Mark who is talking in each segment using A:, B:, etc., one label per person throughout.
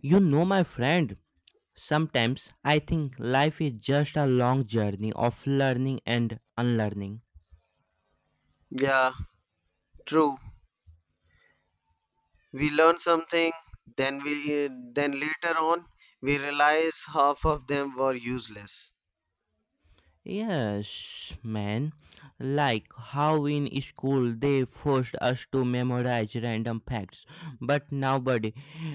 A: You know, my friend, sometimes I think life is just a long journey of learning and unlearning.
B: Yeah, true. We learn something, then we then later on we realize half of them were useless.
A: Yes, man. Like how in school they forced us to memorize random facts, but nobody,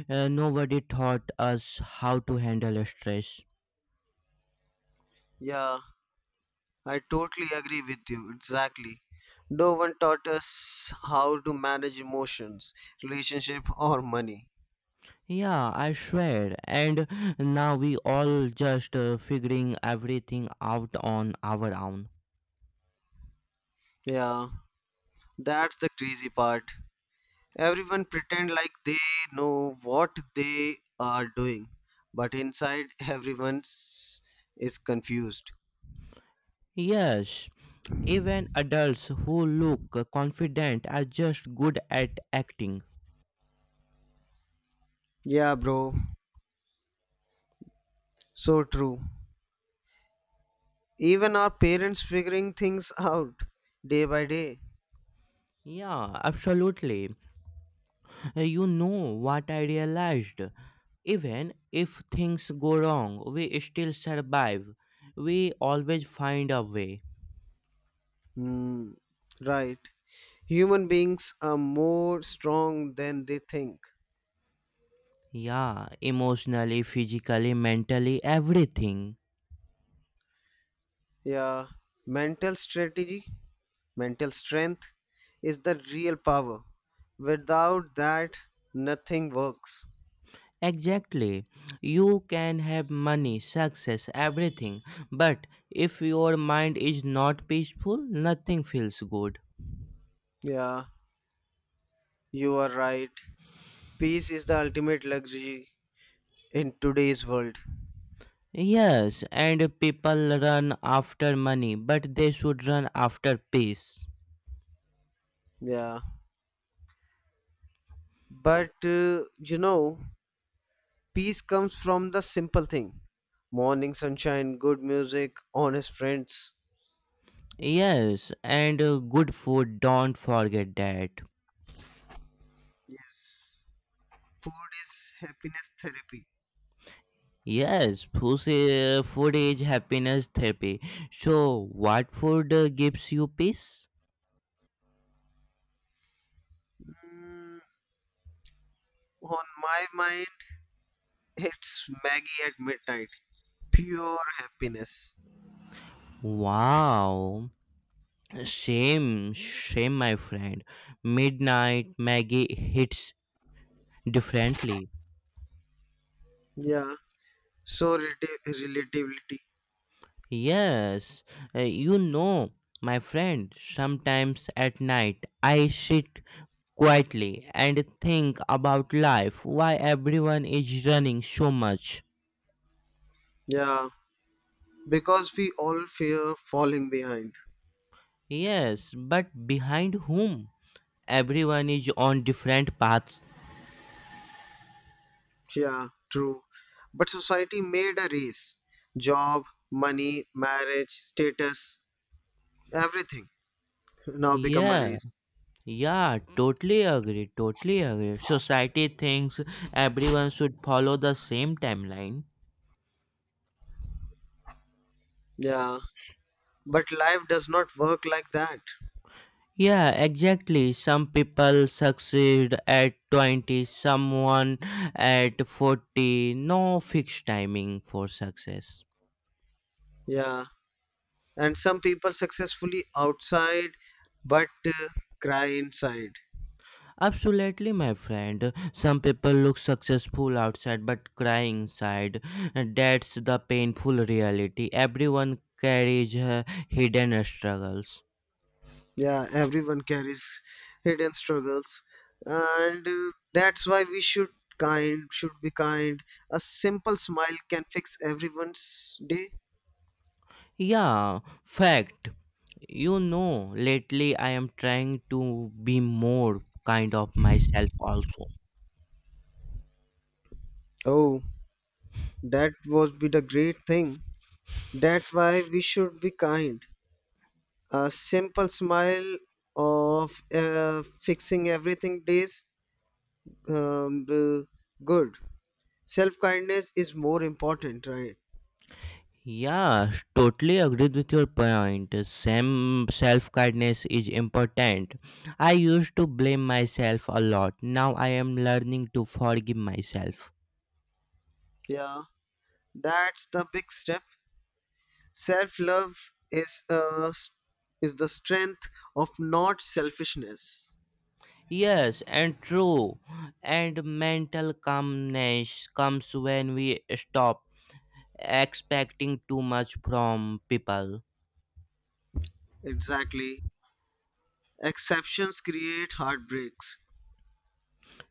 A: uh, nobody taught us how to handle stress.
B: Yeah, I totally agree with you. Exactly. No one taught us how to manage emotions, relationship or money.
A: Yeah, I swear. And now we all just figuring everything out on our own.
B: Yeah, that's the crazy part. Everyone pretend like they know what they are doing, but inside everyone is confused.
A: Yes, even adults who look confident are just good at acting.
B: Yeah, bro. So true. Even our parents figuring things out day by day.
A: Yeah, absolutely. You know what I realized? Even if things go wrong, we still survive. We always find a way.
B: Hmm, right. Human beings are more strong than they think.
A: Yeah, emotionally, physically, mentally, everything.
B: Yeah. Mental strategy, mental strength is the real power. Without that, nothing works.
A: Exactly. You can have money, success, everything. But if your mind is not peaceful, nothing feels good.
B: Yeah, you are right. Peace is the ultimate luxury in today's world.
A: Yes, and people run after money, but they should run after peace.
B: Yeah. But peace comes from the simple thing. Morning sunshine, good music, honest friends.
A: Yes, and good food, don't forget that.
B: Yes. Food is happiness therapy.
A: Yes, food is happiness therapy. So, what food gives you peace?
B: Mm, on my mind, it's Maggie at midnight. Pure happiness.
A: Wow, same, same, my friend. Midnight Maggie hits differently.
B: Yeah. So relativity.
A: Yes, you know, my friend, sometimes at night I sit quietly and think about life, why everyone is running so much.
B: Yeah. Because we all fear falling behind.
A: Yes, but behind whom? Everyone is on different paths.
B: Yeah, true. But society made a race. Job, money, marriage, status, everything now become a
A: Yeah,
B: race.
A: yeah, totally agree, totally agree. Society thinks everyone should follow the same timeline.
B: Yeah, but life does not work like that.
A: Yeah, exactly. Some people succeed at 20, someone at 40. No fixed timing for success.
B: Yeah, and some people successfully outside but cry inside.
A: Absolutely, my friend. Some people look successful outside but cry inside. That's the painful reality. Everyone carries hidden struggles.
B: Yeah, everyone carries hidden struggles, and that's why we should kind should be kind. A simple smile can fix everyone's day.
A: Yeah, fact. You know, lately I am trying to be more kind of myself also.
B: Oh, that would be the great thing. That's why we should be kind. A simple smile of fixing everything days, um, uh, good self kindness is more important, right?
A: Yeah, totally agreed with your point. Same self kindness is important. I used to blame myself a lot. Now I am learning to forgive myself.
B: Yeah, that's the big step. Self love is uh, s- is the strength of not selfishness.
A: Yes, and true. And mental calmness comes when we stop expecting too much from people.
B: Exactly. Exceptions create heartbreaks.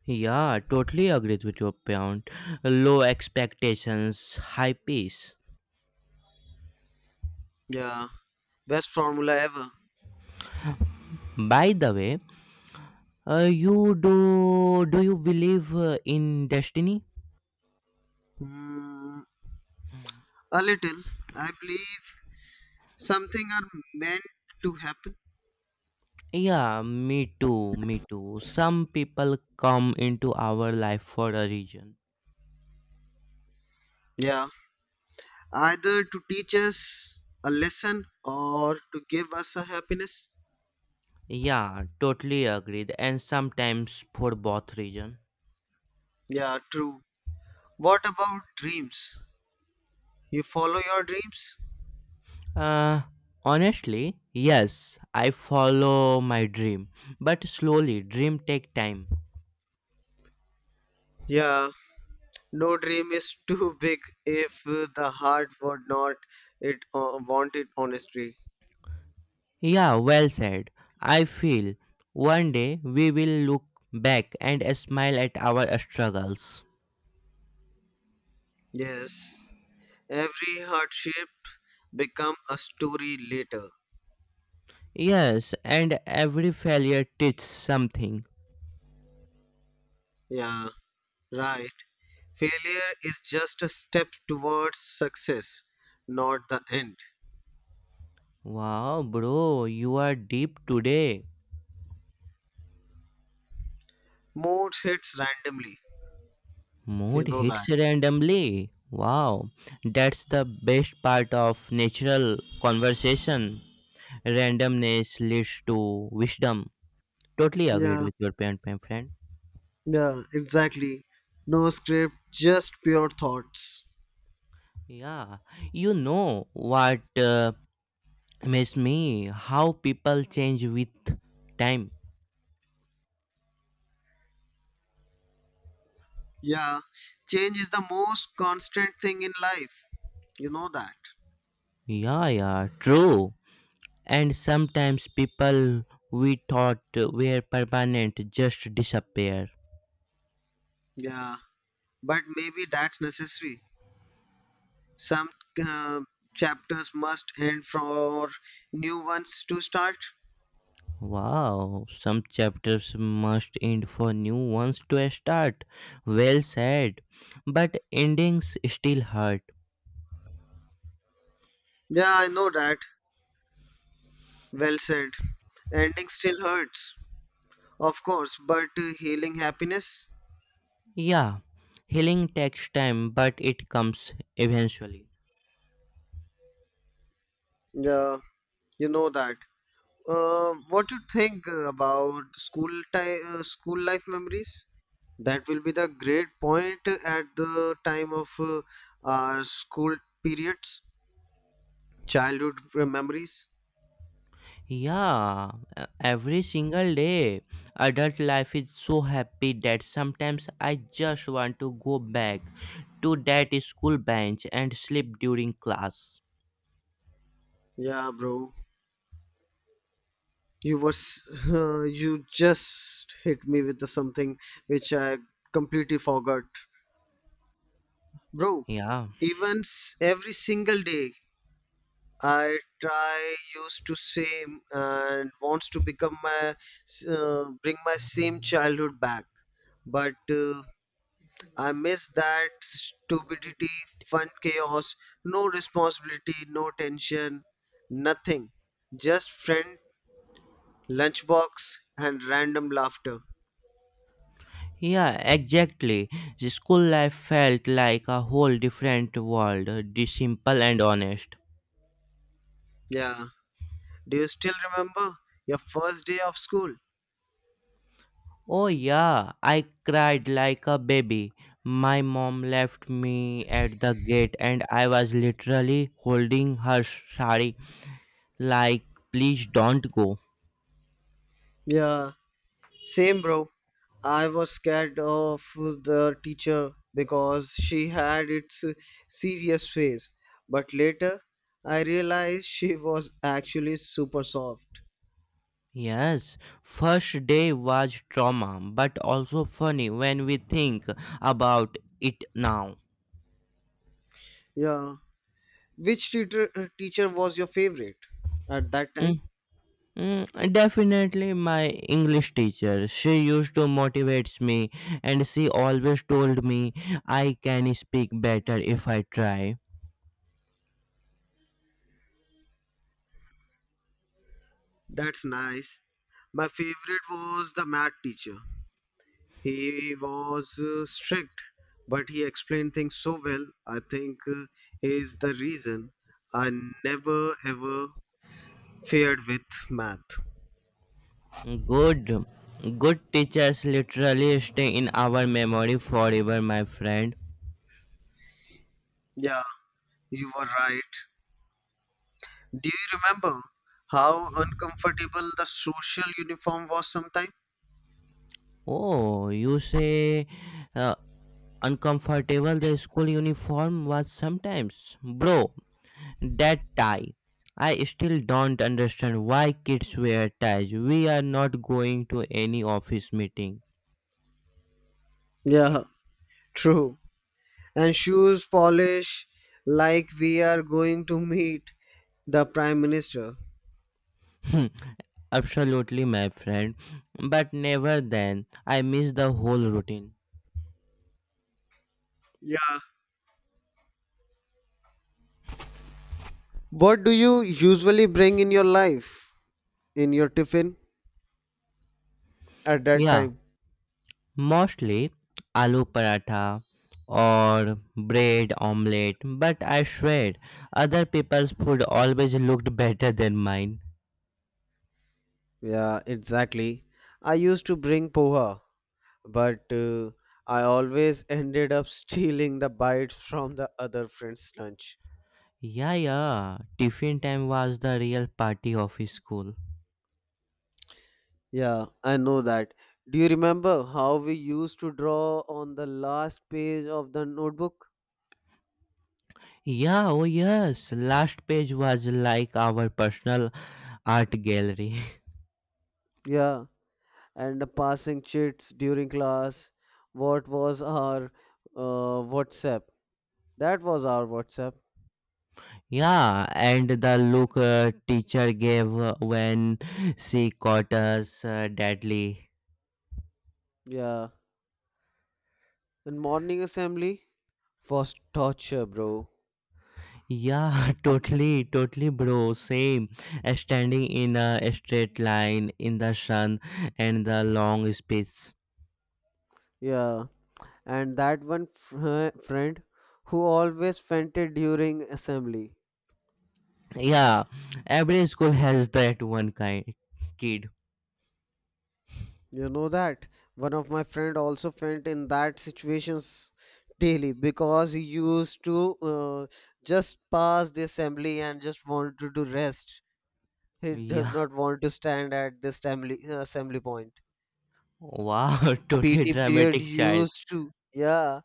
A: Yeah, totally agreed with your point. Low expectations, high peace.
B: Yeah, best formula ever.
A: By the way, you do do you believe in destiny?
B: Hmm, a little. I believe something are meant to happen.
A: Yeah, me too, me too. Some people come into our life for a reason.
B: Yeah, either to teach us a lesson or to give us a happiness.
A: Yeah, totally agreed. And sometimes for both reason.
B: Yeah, true. What about dreams? You follow your dreams?
A: Uh, Honestly, yes, I follow my dream, but slowly. Dream take time.
B: Yeah, no dream is too big if the heart would not it want it honestly.
A: Yeah, well said. I feel one day we will look back and smile at our struggles.
B: Yes, every hardship become a story later.
A: Yes, and every failure teaches something.
B: Yeah, right. Failure is just a step towards success, not the end.
A: Wow, bro, you are deep today.
B: Mood hits randomly.
A: Mood
B: You know
A: hits
B: that.
A: randomly. Wow, that's the best part of natural conversation. Randomness leads to wisdom. Totally agreed
B: Yeah,
A: with your point, my friend.
B: yeah, exactly. No script, just pure thoughts.
A: Yeah, you know what makes me how people change with time.
B: Yeah, change is the most constant thing in life. You know that.
A: Yeah, yeah, true. And sometimes people we thought were permanent just disappear.
B: Yeah, but maybe that's necessary. Some uh, chapters must end for new ones to start.
A: Wow, some chapters must end for new ones to start. Well said. But endings still hurt.
B: Yeah, I know that. Well said. Ending still hurts, of course, but healing happiness?
A: Yeah, healing takes time, but it comes eventually.
B: Yeah, you know that. What you think about school time, school life memories? That will be the great point at the time of our school periods, childhood memories.
A: Yeah, every single day. Adult life is so happy that sometimes I just want to go back to that school bench and sleep during class.
B: Yeah, bro, you were s- you just hit me with the something which I completely forgot, bro.
A: Yeah,
B: Even every single day I try used to same and wants to become my, bring my same childhood back, but I miss that stupidity, fun chaos, no responsibility, no tension, nothing, just friend, lunchbox, and random laughter.
A: yeah, exactly. The school life felt like a whole different world, the simple and honest.
B: Yeah. Do you still remember your first day of school?
A: Oh, yeah, I cried like a baby. My mom left me at the gate and I was literally holding her sari like please don't go.
B: Yeah. Same, bro. I was scared of the teacher because she had its serious face. But later, I realized she was actually super soft.
A: Yes, first day was trauma, but also funny when we think about it now.
B: Yeah. Which teacher was your favorite at that time?
A: Mm, definitely my English teacher. She used to motivate me and she always told me I can speak better if I try.
B: That's nice. My favorite was the math teacher. He was strict, but he explained things so well. I think is the reason I never ever fared with math.
A: Good. Good teachers literally stay in our memory forever, my friend.
B: Yeah, you were right. Do you remember how uncomfortable the social uniform was sometimes?
A: Oh, you say uh, uncomfortable the school uniform was sometimes. Bro, that tie. I still don't understand why kids wear ties. We are not going to any office meeting.
B: Yeah, true. And shoes polish like we are going to meet the Prime Minister.
A: Hmm, absolutely, my friend. But never then, I miss the whole routine.
B: Yeah. What do you usually bring in your life, in your tiffin at that
A: Yeah,
B: time?
A: mostly aloo paratha or bread omelette. But I swear, other people's food always looked better than mine.
B: Yeah, exactly. I used to bring poha but I always ended up stealing the bites from the other friend's lunch.
A: Yeah, yeah. Tiffin time was the real party of school.
B: Yeah, I know that. Do you remember how we used to draw on the last page of the notebook?
A: Yeah, oh yes. Last page was like our personal art gallery.
B: Yeah, and the passing chits during class. What was our WhatsApp? That was our WhatsApp.
A: Yeah, and the look teacher gave when she caught us deadly.
B: Yeah, and morning assembly was torture, bro.
A: Yeah, totally, totally, bro. Same. Standing in a straight line in the sun and the long space.
B: Yeah, and that one friend who always fainted during assembly.
A: Yeah, every school has that one kind kid.
B: You know that one of my friend also faint in that situations daily because he used to just pass the assembly and just wanted to rest. He does
A: Yeah.
B: not want to stand at this assembly, assembly point.
A: Wow, totally
B: Pt period
A: dramatic child.
B: used to Yeah,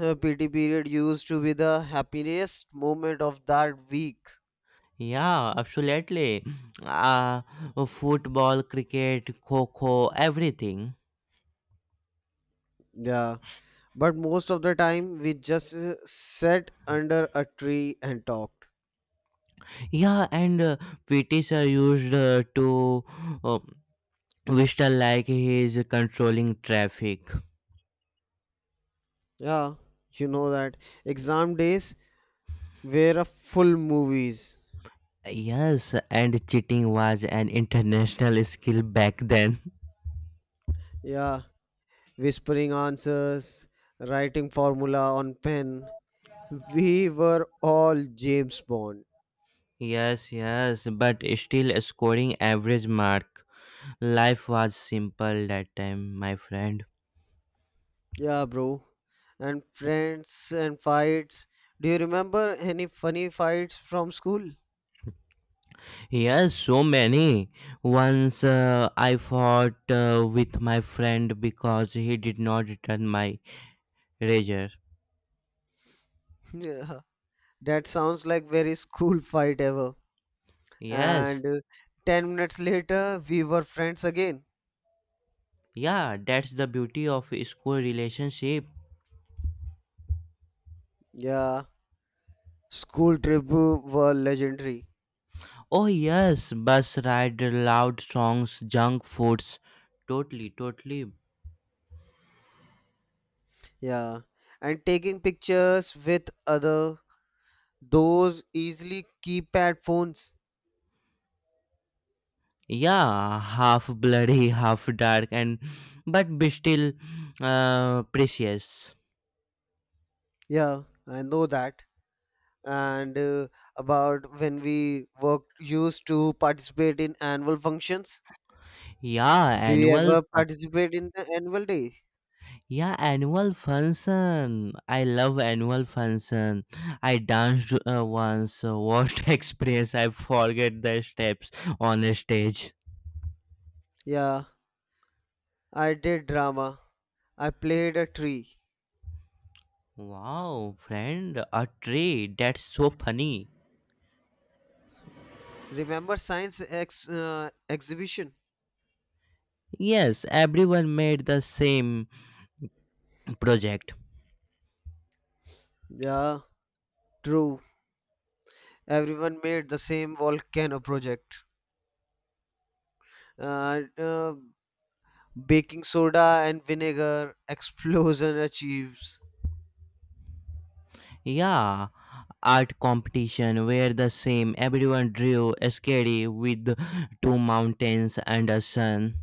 B: PT period used to be the happiest moment of that week.
A: Yeah, absolutely. Uh, Football, cricket, kho-kho, everything.
B: Yeah, but most of the time, we just sat under a tree and talked.
A: Yeah, and PTs are used to uh, whistle like he is controlling traffic.
B: Yeah, you know that. Exam days were a full movies.
A: Yes, and cheating was an international skill back then.
B: Yeah, whispering answers, writing formula on pen. We were all James Bond.
A: Yes, yes, but still scoring average mark. Life was simple that time, my friend.
B: Yeah, bro. And friends and fights. Do you remember any funny fights from school?
A: Yes, so many. Once I fought with my friend because he did not return my razor.
B: Yeah, that sounds like very school fight ever.
A: Yes,
B: And 10 minutes later we were friends again.
A: yeah, that's the beauty of a school relationship.
B: Yeah, school trip were legendary.
A: Oh yes, bus ride, loud songs, junk foods. Totally, totally.
B: Yeah, and taking pictures with other those easily keypad phones.
A: Yeah, half bloody, half dark, and but be still precious.
B: Yeah, I know that. And about when we worked used to participate in annual functions.
A: Yeah,
B: Do you
A: annual
B: ever participate in the annual day?
A: Yeah, annual function. I love annual function. I danced once, worst experience. I forget the steps on a stage.
B: Yeah, I did drama. I played a tree.
A: Wow, friend, a tree. That's so funny.
B: Remember science exhibition.
A: Yes, everyone made the same project.
B: Yeah, true. Everyone made the same volcano project. Uh, uh, Baking soda and vinegar explosion achieves.
A: Yeah, art competition were the same. Everyone drew a scary with two mountains and a sun.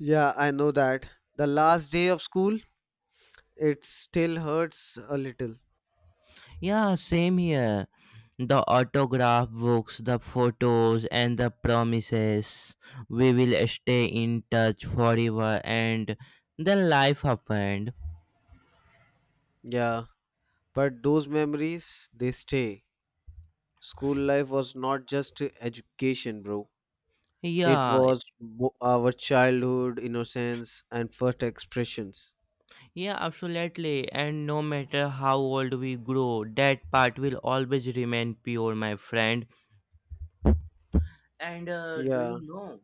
B: Yeah, I know that. The last day of school, it still hurts a little.
A: Yeah, same here. The autograph books, the photos, and the promises. We will stay in touch forever, and then life happened.
B: Yeah, but those memories, they stay. School life was not just education, bro. It
A: Yeah,
B: was our childhood, innocence, and first expressions.
A: yeah, absolutely. And no matter how old we grow, that part will always remain pure, my friend. And do you
B: Yeah,
A: know?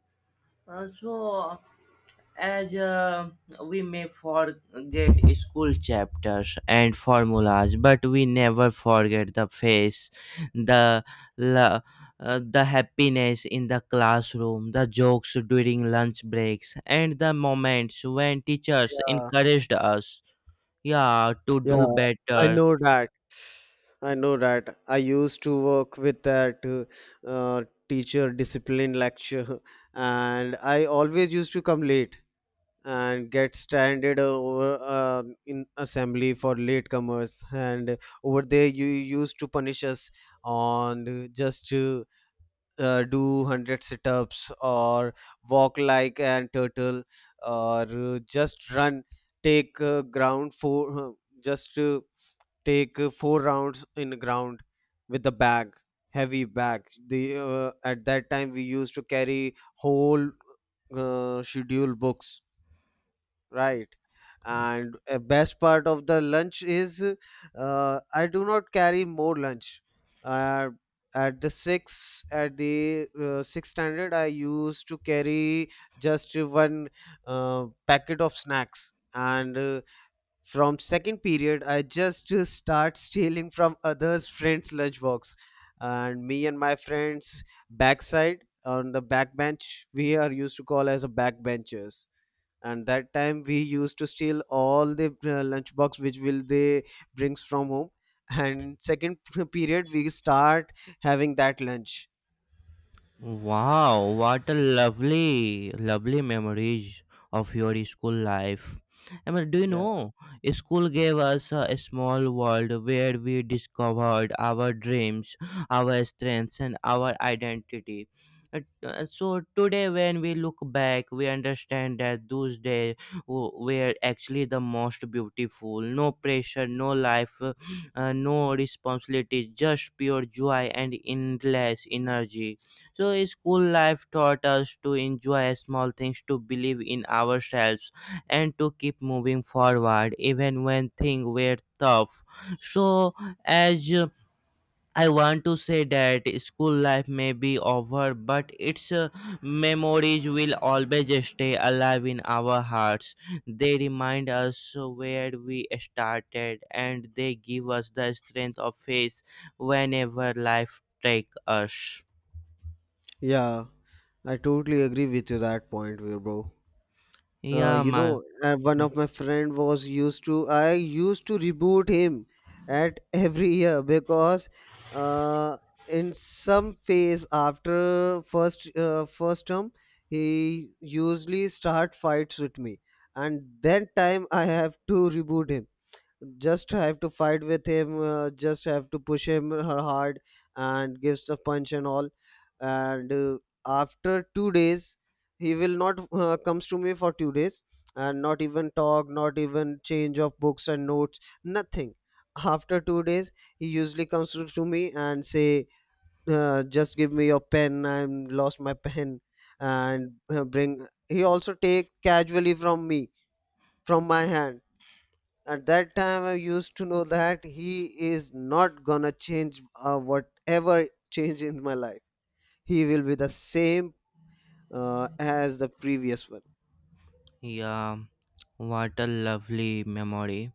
A: So as we may forget school chapters and formulas but we never forget the face the la- the happiness in the classroom the jokes during lunch breaks and the moments when teachers
B: yeah,
A: encouraged us, yeah, to
B: yeah.
A: do
B: I
A: better.
B: know that. I know that. I used to work with that teacher discipline lecture, and I always used to come late and get stranded over, in assembly for latecomers. And over there, you used to punish us on just to do 100 sit-ups or walk like an turtle or just run, take ground for just. Take four rounds in the ground with the bag, heavy bag, the at that time we used to carry whole schedule books, right? And a best part of the lunch is, I do not carry more lunch. uh, at the sixth standard I used to carry just one packet of snacks, and from second period, I just start stealing from others' friends' lunchbox, and me and my friends backside on the backbench, we are used to call as a backbenchers. And that time we used to steal all the lunchbox which will they brings from home. And second period, we start having that lunch.
A: Wow, what a lovely, lovely memories of your school life. I mean, do you
B: Yeah,
A: know, school gave us a small world where we discovered our dreams, our strengths, and our identity. Uh, So today, when we look back, we understand that those days were actually the most beautiful. No pressure, no life, no responsibilities, just pure joy and endless energy. So, school life taught us to enjoy small things, to believe in ourselves, and to keep moving forward even when things were tough. So, as I want to say that school life may be over, but its memories will always stay alive in our hearts. They remind us where we started and they give us the strength of faith whenever life takes us.
B: yeah, I totally agree with you that point, bro.
A: Yeah, my.
B: One of my friend was used to. I used to reboot him at every year because uh, in some phase after first term, he usually start fights with me, and that time I have to reboot him, just have to fight with him, just have to push him her hard and gives a punch and all. And after 2 days he will not, comes to me for 2 days and not even talk, not even change of books and notes, nothing. After 2 days he usually comes to me and say, just give me your pen, I'm lost my pen. And bring, he also take casually from me, from my hand. At that time I used to know that he is not gonna change, whatever change in my life, he will be the same, as the previous one.
A: Yeah, what a lovely memory.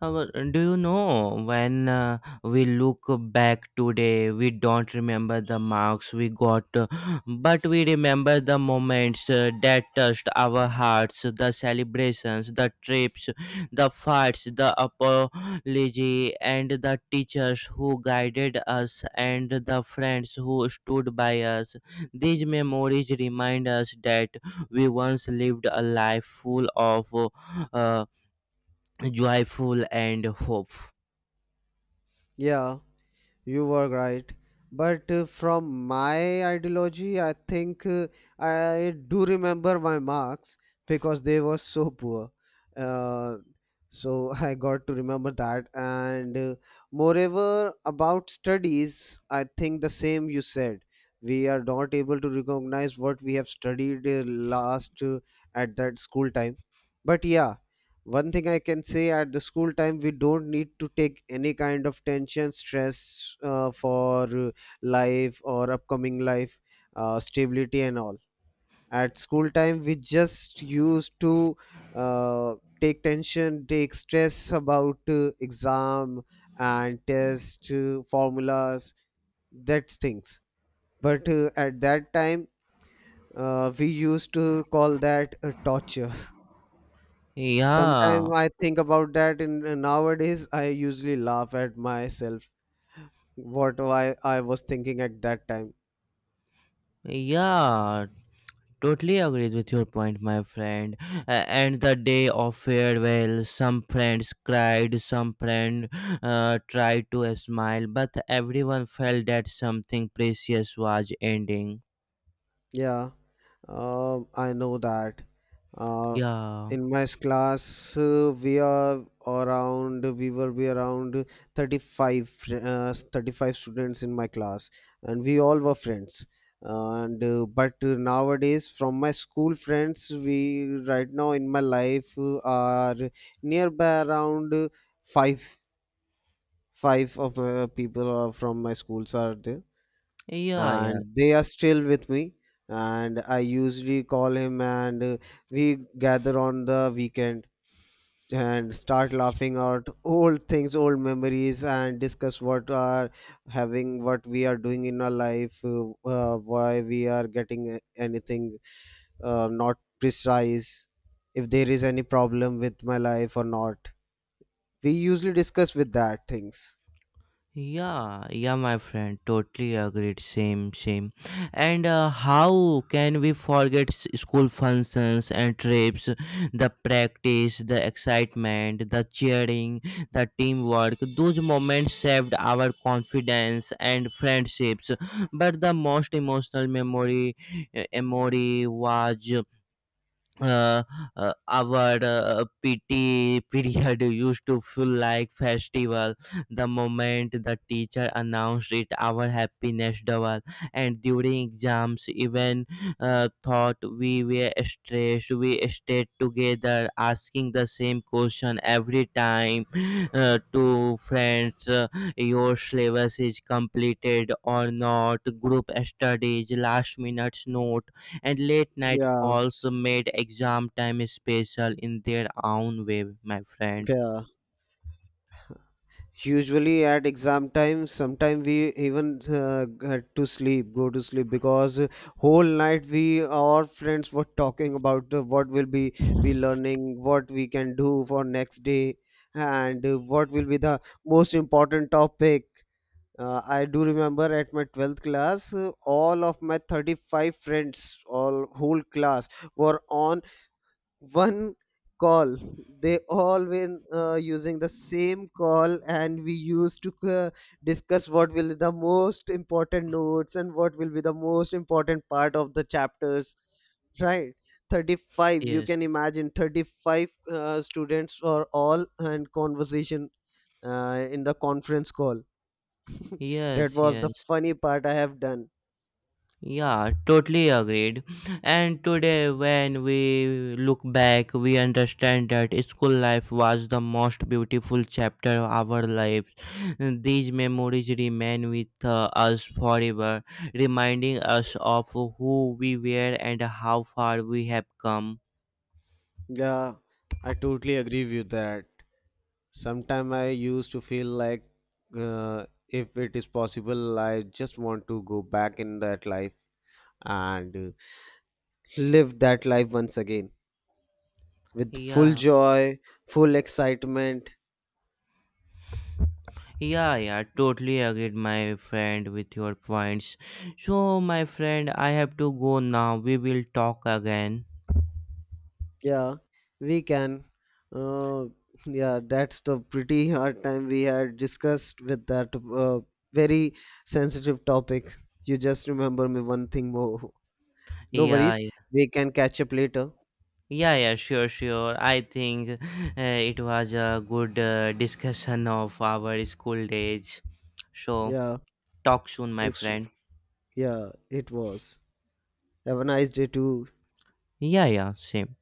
A: Well, do you know when we look back today, we don't remember the marks we got, but we remember the moments that touched our hearts, the celebrations, the trips, the fights, the apology, and the teachers who guided us, and the friends who stood by us. These memories remind us that we once lived a life full of. Uh, Joyful and hopeful.
B: Yeah, you were right. But from my ideology, I think I do remember my marks because they were so poor. Uh, so I got to remember that. And moreover, about studies, I think the same you said. We are not able to recognize what we have studied last, at that school time. But yeah, one thing I can say, at the school time we don't need to take any kind of tension stress for life or upcoming life, stability and all. At school time we just used to uh, take tension, take stress about exam and test, formulas, that things, but at that time we used to call that a torture.
A: Yeah,
B: Sometimes I think about that, in nowadays I usually laugh at myself what I was thinking at that time.
A: yeah, totally agrees with your point, my friend. And the day of farewell, some friends cried, some friend tried to smile, but everyone felt that something precious was ending.
B: Yeah. I know that. Uh,
A: Yeah,
B: in my class, we were be around 35, 35 students in my class, and we all were friends. And but nowadays, from my school friends, we right now in my life are nearby around, five, five of people are from my schools are there,
A: yeah, yeah.
B: and they are still with me. And I usually call him and, we gather on the weekend and start laughing out old things, old memories, and discuss what are having, what we are doing in our life, why we are getting anything, not precise. If there is any problem with my life or not, we usually discuss with that things.
A: Yeah, yeah, my friend, totally agreed. Same, same. And how can we forget school functions and trips, the practice, the excitement, the cheering, the teamwork? Those moments saved our confidence and friendships. But the most emotional memory was uh, our PT period used to feel like festival. The moment the teacher announced it, our happiness doubled. And during exams, even thought we were stressed. We stayed together, asking the same question every time to friends. Your syllabus is completed or not? Group studies, last minute note and late night
B: Yeah,
A: calls made exam time special in their own way, my friend.
B: yeah, usually at exam time, sometime we even had to sleep, go to sleep because whole night we our friends were talking about, what will be we learning, what we can do for next day, and what will be the most important topic. I do remember at my 12th class, all of my 35 friends, all whole class were on one call. They all been using the same call, and we used to discuss what will be the most important notes and what will be the most important part of the chapters, right? 35, you
A: Yes,
B: can imagine, 35 students for all and conversation in the conference call. That
A: yes,
B: was the
A: yes.
B: funny part I have done.
A: Yeah, totally agreed. And today, when we look back, we understand that school life was the most beautiful chapter of our lives. These memories remain with us forever, reminding us of who we were and how far we have come.
B: Yeah, I totally agree with that. Sometimes I used to feel like, uh, if it is possible I just want to go back in that life, and live that life once again with full
A: Yeah.
B: joy, full excitement.
A: Yeah, yeah, totally agreed, my friend, with your points. So, my friend, I have to go now. We will talk again.
B: Yeah, we can, uh, yeah, that's the pretty hard time we had discussed with that uh, very sensitive topic. You just remember me one thing more. No
A: Yeah,
B: worries, we can catch up later.
A: yeah, yeah, sure, sure. I think it was a good discussion of our school days. So,
B: Yeah,
A: talk soon, my
B: it's,
A: friend.
B: yeah, it was. Have a nice day too.
A: Yeah, yeah, same.